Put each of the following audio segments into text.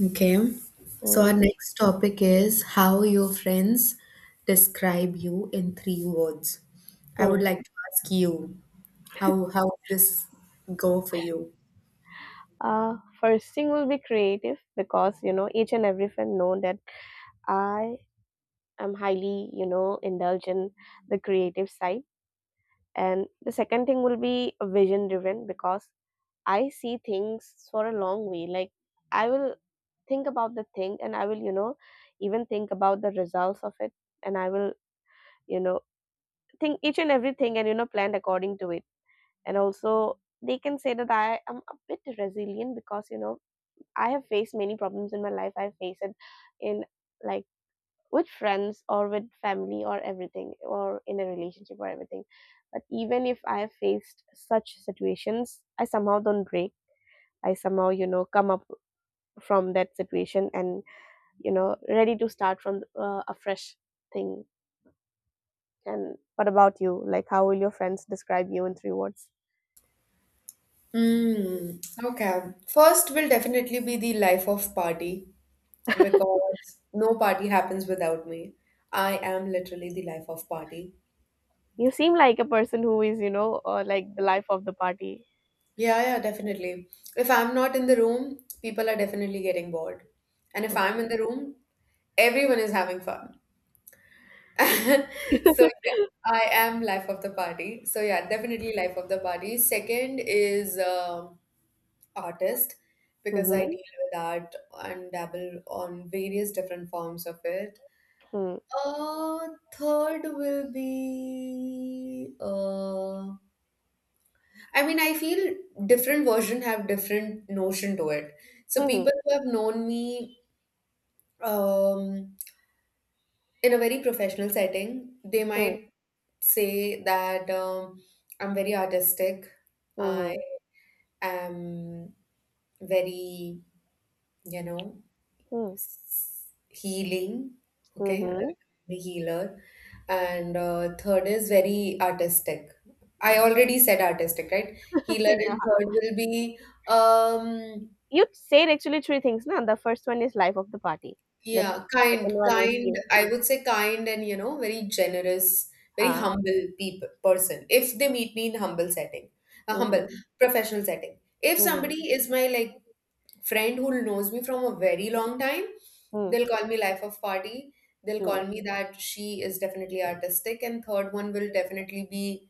Okay. So our Mm, next topic is how your friends describe you in three words. I would mm. like to ask you how would this go for you. Uh, First thing will be creative because each and every friend know that I am highly indulge in the creative side, and the second thing will be vision driven because I see things for a long way. Like I will think about the thing, and I will even think about the results of it, and I will you know think each and everything, and plan according to it, and also they can say that I am a bit resilient because I have faced many problems in my life. I face it in, like, with friends or with family or everything or in a relationship or everything. But even if I have faced such situations, I somehow don't break. I somehow, come up from that situation and, ready to start from a fresh thing. And what about you? Like, how will your friends describe you in three words? Mm, okay. First will definitely be the life of party because no party happens without me. I am literally the life of party. You seem like a person who is, like the life of the party. Yeah, yeah, definitely. If I'm not in the room, people are definitely getting bored. And if I'm Okay. in the room, everyone is having fun. So yeah, I am life of the party. So yeah, definitely life of the party. Second is artist because I Mm-hmm. deal with art and dabble on various different forms of it. Hmm. Uh, third will be I mean, I feel different version have different notion to it. So Mm-hmm. people who have known me um in a very professional setting, they Hmm. might say that I'm very artistic. I Mhm. am very, you know, Hmm. s- healing. Okay, Mhm. the healer. And third is very artistic. I Yeah. already said artistic, right? Healer Yeah. and third will be um, You said actually three things, na? The first one is life of the party. The yeah, second kind, one is you. I would say kind and, you know, very generous, very Ah. humble people person. If they meet me in humble setting, a humble Mhm. professional setting. If Mhm. somebody is my like friend who knows me from a very long time, Hmm. they'll call me life of party. They'll Hmm. call me that she is definitely artistic, and third one will definitely be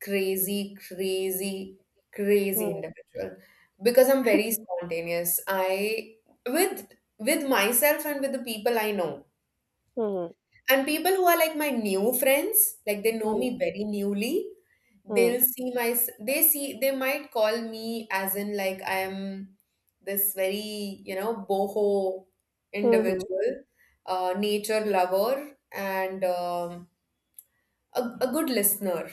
crazy, crazy, crazy Hmm. individual because I'm very spontaneous. I with with myself and with the people I know. Mhm. And people who are like my new friends, like they know Hmm. me very newly, Hmm. they'll see my s- they see they might call me as in like I am this very, you know, boho Mhm. individual, nature lover and a good listener,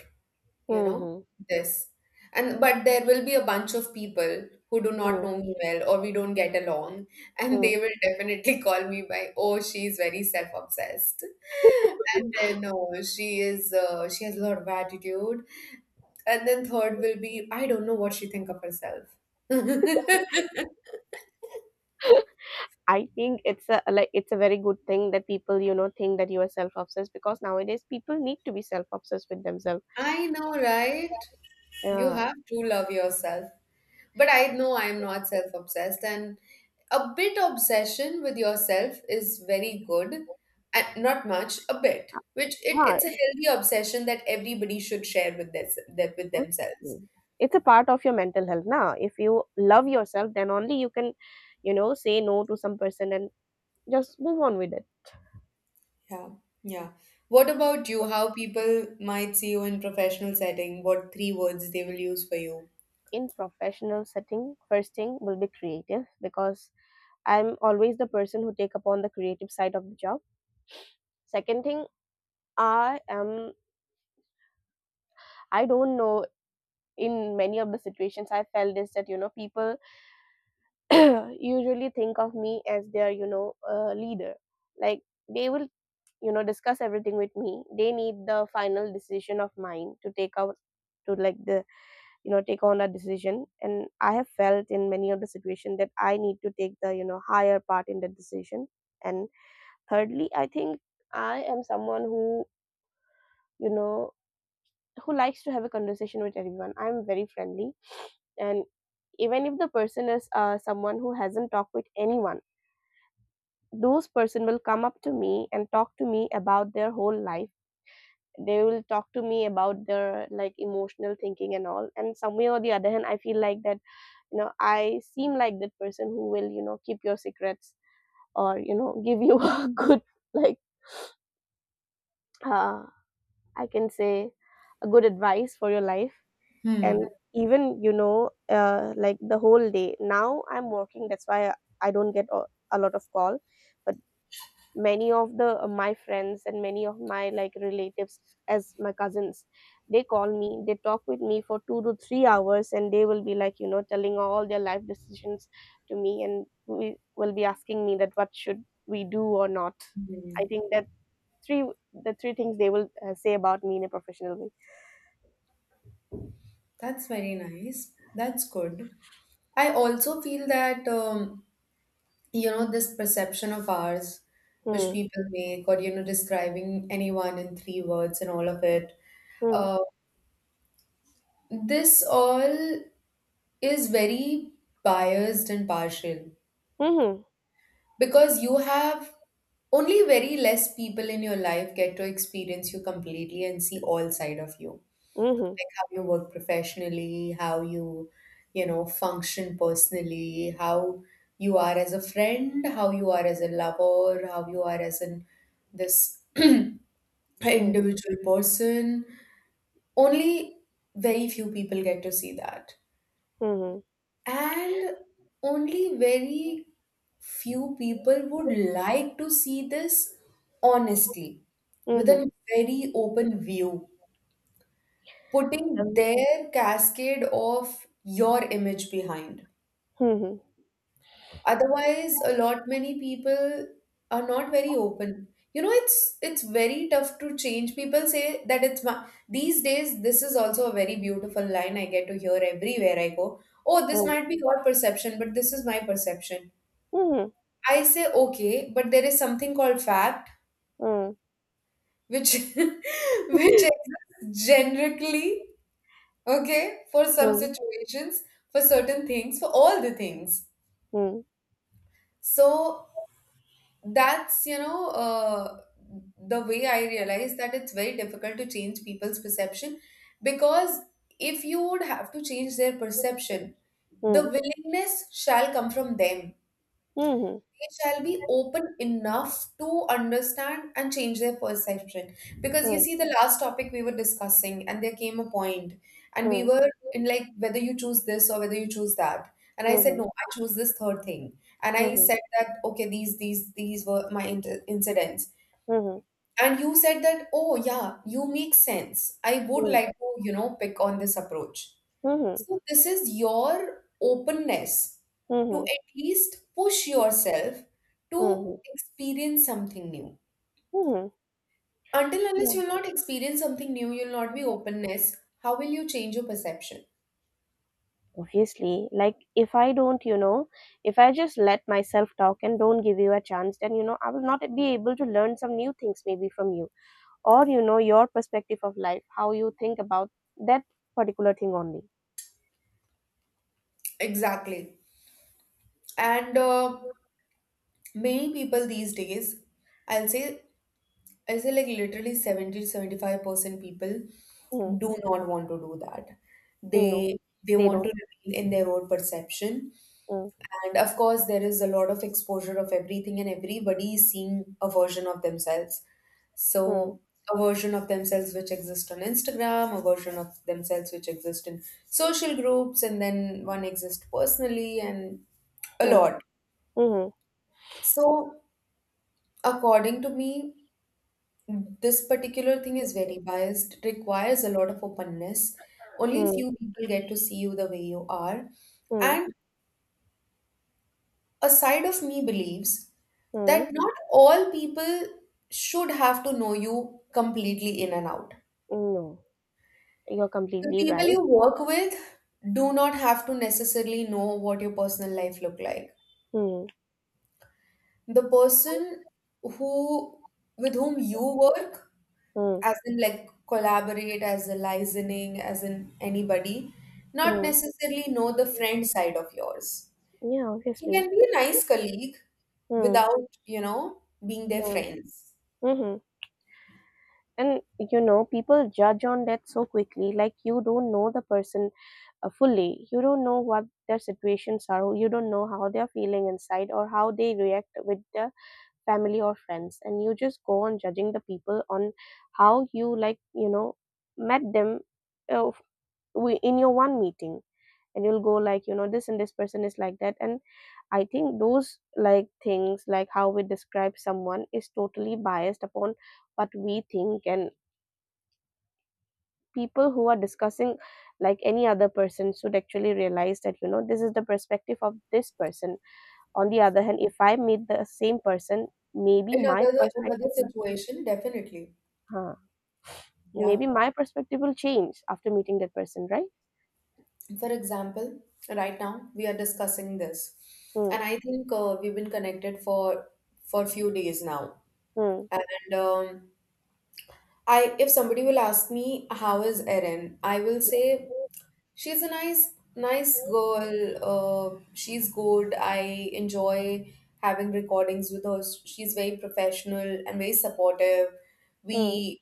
you know, Mhm. this. And but there will be a bunch of people who do not Hmm. know me well or we don't get along and they Mm. will definitely call me by, oh, she's very self-obsessed, and then, oh, she has a lot of attitude, and then third will be, I don't know what she think of herself. I think it's a very good thing that people think that you are self obsessed because nowadays people need to be self obsessed with themselves. I know, right? You Yeah. have to love yourself. But I know I am not self obsessed, and a bit obsession with yourself is very good, and not much, a bit. Which Huh. it's a healthy obsession that everybody should share with this that with themselves. Obviously. It's a part of your mental health now. If you love yourself, then only you can, say no to some person and just move on with it. Yeah, yeah. What about you? How people might see you in professional setting? What three words they will use for you? In professional setting, first thing will be creative because I'm always the person who take upon the creative side of the job. Second thing, I am I don't know, in many of the situations I felt is that people usually think of me as their leader. Like they will discuss everything with me, they need the final decision of mine to take out to, like, the take on a decision, and I have felt in many of the situation that I need to take the higher part in the decision, and thirdly I think I am someone who you know who likes to have a conversation with everyone. I'm very friendly, and even if the person is someone who hasn't talked with anyone, those person will come up to me and talk to me about their whole life. They will talk to me about their like emotional thinking and all, and somewhere or the other hand I feel like that I seem like that person who will keep your secrets or give you a good like uh, I can say a good advice for your life. And Hmm. even like the whole day now I'm working, that's why I don't get a lot of call, but many of the my friends and many of my like relatives, as my cousins, they call me, they talk with me for 2 to 3 hours, and they will be like telling all their life decisions to me, and we will be asking me that what should we do or not. I Hmm. think that three the three things they will say about me in a professional way. That's very nice. That's good. I also feel that. You know this perception of ours which Hmm. people make or describing anyone in three words and all of it, Hmm. uh, this all is very biased and partial Mhm. because you have only very less people in your life get to experience you completely and see all side of you, Mhm. like how you, work professionally, how you function personally, how you are as a friend, how you are as a lover, how you are as an this individual Mhm. person. Only very few people get to see that. Mhm. And only very few people would like to see this honestly, with Mhm. a very open view, putting Um. their cascade of your image behind. Mhm. Otherwise, a lot many people are not very open. You know, it's very tough to change. People say that it's my, these days. This is also a very beautiful line I get to hear everywhere I go. Oh, this might be your perception, but this is my perception. Mhm. I say okay, but there is something called fact, Mhm. which which exists generically, okay, for some Mhm. situations, for certain things, for all the things. Mhm. So that's the way I realize that it's very difficult to change people's perception, because if you would have to change their perception, the Mhm. willingness shall come from them. They shall be open enough to understand and change their perception. Because you Mhm. see, the last topic we were discussing, and there came a point, and we Mhm. were in like whether you choose this or whether you choose that. And I said, Mhm. no, I choose this third thing. And I Mhm. said that, okay, these were my incidents. Mhm. And you said that, oh yeah, you make sense. I would Mhm. like to pick on this approach. Mhm. So, this is your openness to Mhm. at least push yourself to Mhm. experience something new. Mhm. Until unless Yeah, you'll not experience something new, you'll not be openness. How will you change your perception? obviously. Like, if I don't, if I just let myself talk and don't give you a chance, then, I will not be able to learn some new things maybe from you or, your perspective of life, how you think about that particular thing only. Exactly. And many people these days, I'll say, I'll say like literally 70 to 75% people Mm. do not want to do that. No, They they they want don't. to remain in their own perception. Mm. And of course, there is a lot of exposure of everything, and everybody is seeing a version of themselves. So, Mm. a version of themselves which exists on Instagram, a version of themselves which exists in social groups, and then one exists personally, and a Mm. lot. Mm. So, according to me, this particular thing is very biased, requires a lot of openness. Only Mm. few people get to see you the way you are. Mm. And a side of me believes Mm. that not all people should have to know you completely in and out. No, you're The completely people right. you work with do not have to necessarily know what your personal life look like. Mm. The person who with whom you work, Mm. as in like collaborate, as a licensing, as in anybody, not Mm. necessarily know the friend side of yours. Yeah, You obviously. can be a nice colleague Hmm. without being their Mm. friends. Mm-hmm. And people judge on that so quickly. Like, you don't know the person fully. You don't know what their situations are. You don't know how they're feeling inside or how they react with the family or friends. And you just go on judging the people on how you, like, met them uh, f- in your one meeting. And you'll go like this and this person is like that. And I think those like things, like how we describe someone, is totally biased upon what we think. And people who are discussing like any other person should actually realize that this is the perspective of this person. On the other hand, if I meet the same person, maybe In my another perspective situation, definitely. huh, Yeah. maybe my perspective will change after meeting that person, right? For example, right now we are discussing this, Hmm. and I think we've been connected for few days now. Hmm. And if somebody will ask me how is Erin, I will say she's a nice, nice girl. She's good. I enjoy having recordings with her. She's very professional and very supportive. Hmm. We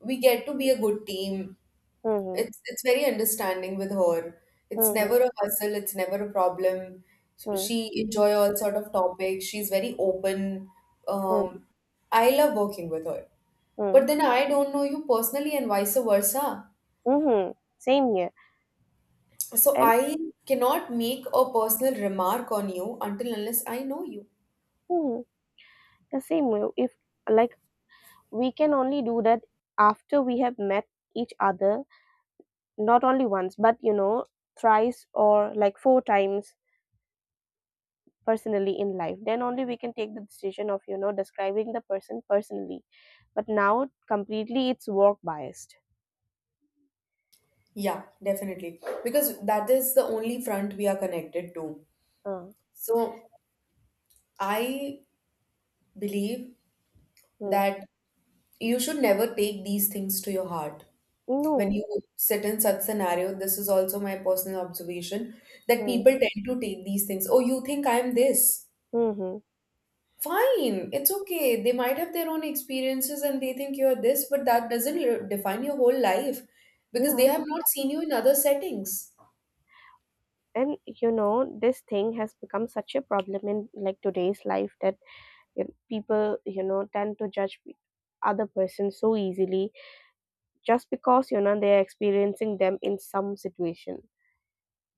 we get to be a good team. Hmm. It's very understanding with her. It's Hmm. Hmm. never a hustle, it's never a problem. Hmm. She enjoy all sort of topics. She's very open. Hmm. Hmm. Um, I love working with her. Hmm. But then I don't know you personally and vice versa. Mhm. Same here. So And I cannot make a personal remark on you until unless I know you. mhm, the same way, if, like, we can only do that after we have met each other, not only once, but thrice or like four times personally in life. Then only we can take the decision of, describing the person personally. But now completely it's work biased. Yeah, definitely. Because that is the only front we are connected to. Uh, So I believe mm. that you should never take these things to your heart. When No. you sit in such scenario, this is also my personal observation that Mm. people tend to take these things. Oh, you think I'm this, Mm-hmm. fine, it's okay. They might have their own experiences and they think you're this, but that doesn't define your whole life because they Yeah. have not seen you in other settings. And this thing has become such a problem in like today's life, that you people tend to judge other person so easily, just because they're experiencing them in some situation.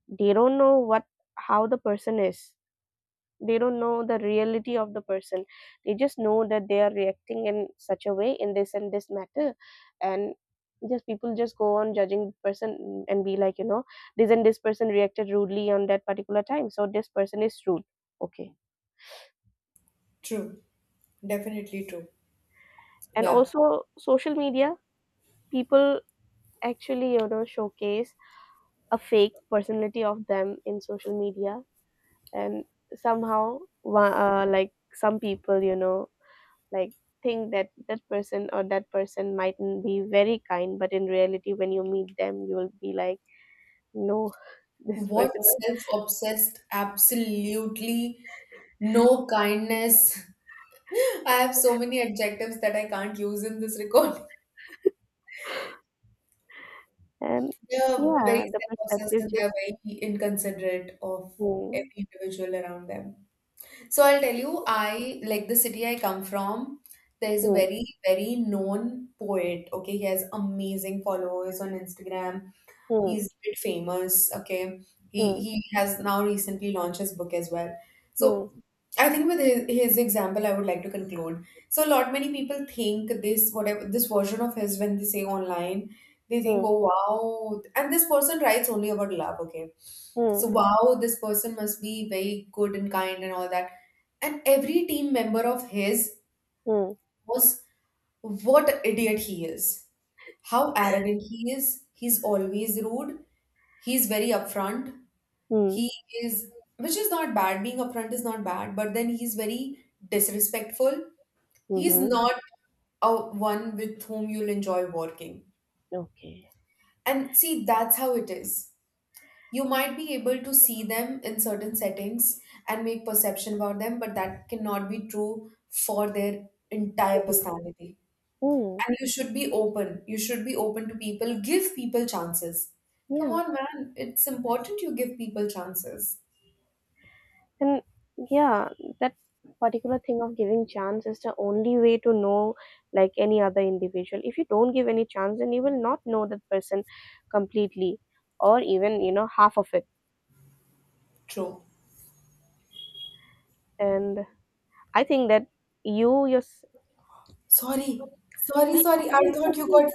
They don't know what, how the person is. They don't know the reality of the person. They just know that they are reacting in such a way in this and this matter. And just people just go on judging the person and be like this and this person reacted rudely on that particular time, so this person is rude. Okay. True, definitely true. And Yeah. also social media, people actually showcase a fake personality of them in social media. And somehow like some people like think that that person or that person mightn't be very kind. But in reality, when you meet them, you will be like no. This What, person was. self-obsessed, absolutely. No kindness. I have so many adjectives that I can't use in this recording. And They are very yeah, the self-obsessed perspective and they are just. very inconsiderate of Hmm. every individual around them. So I'll tell you, I like the city I come from. There is a Hmm. very, very known poet. Okay, he has amazing followers on Instagram. Hmm. He's a bit famous. Okay, he Hmm. he has now recently launched his book as well. Hmm. So I think with his example, I would like to conclude. So a lot many people think this whatever this version of his when they say online, they think, Hmm. oh wow, and this person writes only about love. Okay, Hmm. so wow, this person must be very good and kind and all that. And every team member of his Hmm. was what idiot he is, how arrogant he is. He's always rude. He's very upfront. Hmm. He is, which is not bad. Being upfront is not bad, but then he's very disrespectful. He's Mhm. not a one with whom you'll enjoy working. Okay. And see, that's how it is. You might be able to see them in certain settings and make perception about them, but that cannot be true for their entire Hmm. personality. Hmm. And you should be open. You should be open to people. Give people chances. Come Yeah. on, man. It's important you give people chances. And yeah, that particular thing of giving chance is the only way to know, like, any other individual. If you don't give any chance, then you will not know that person completely or even, half of it. True. And I think that you your, Sorry. Sorry, sorry. I okay, thought you okay, got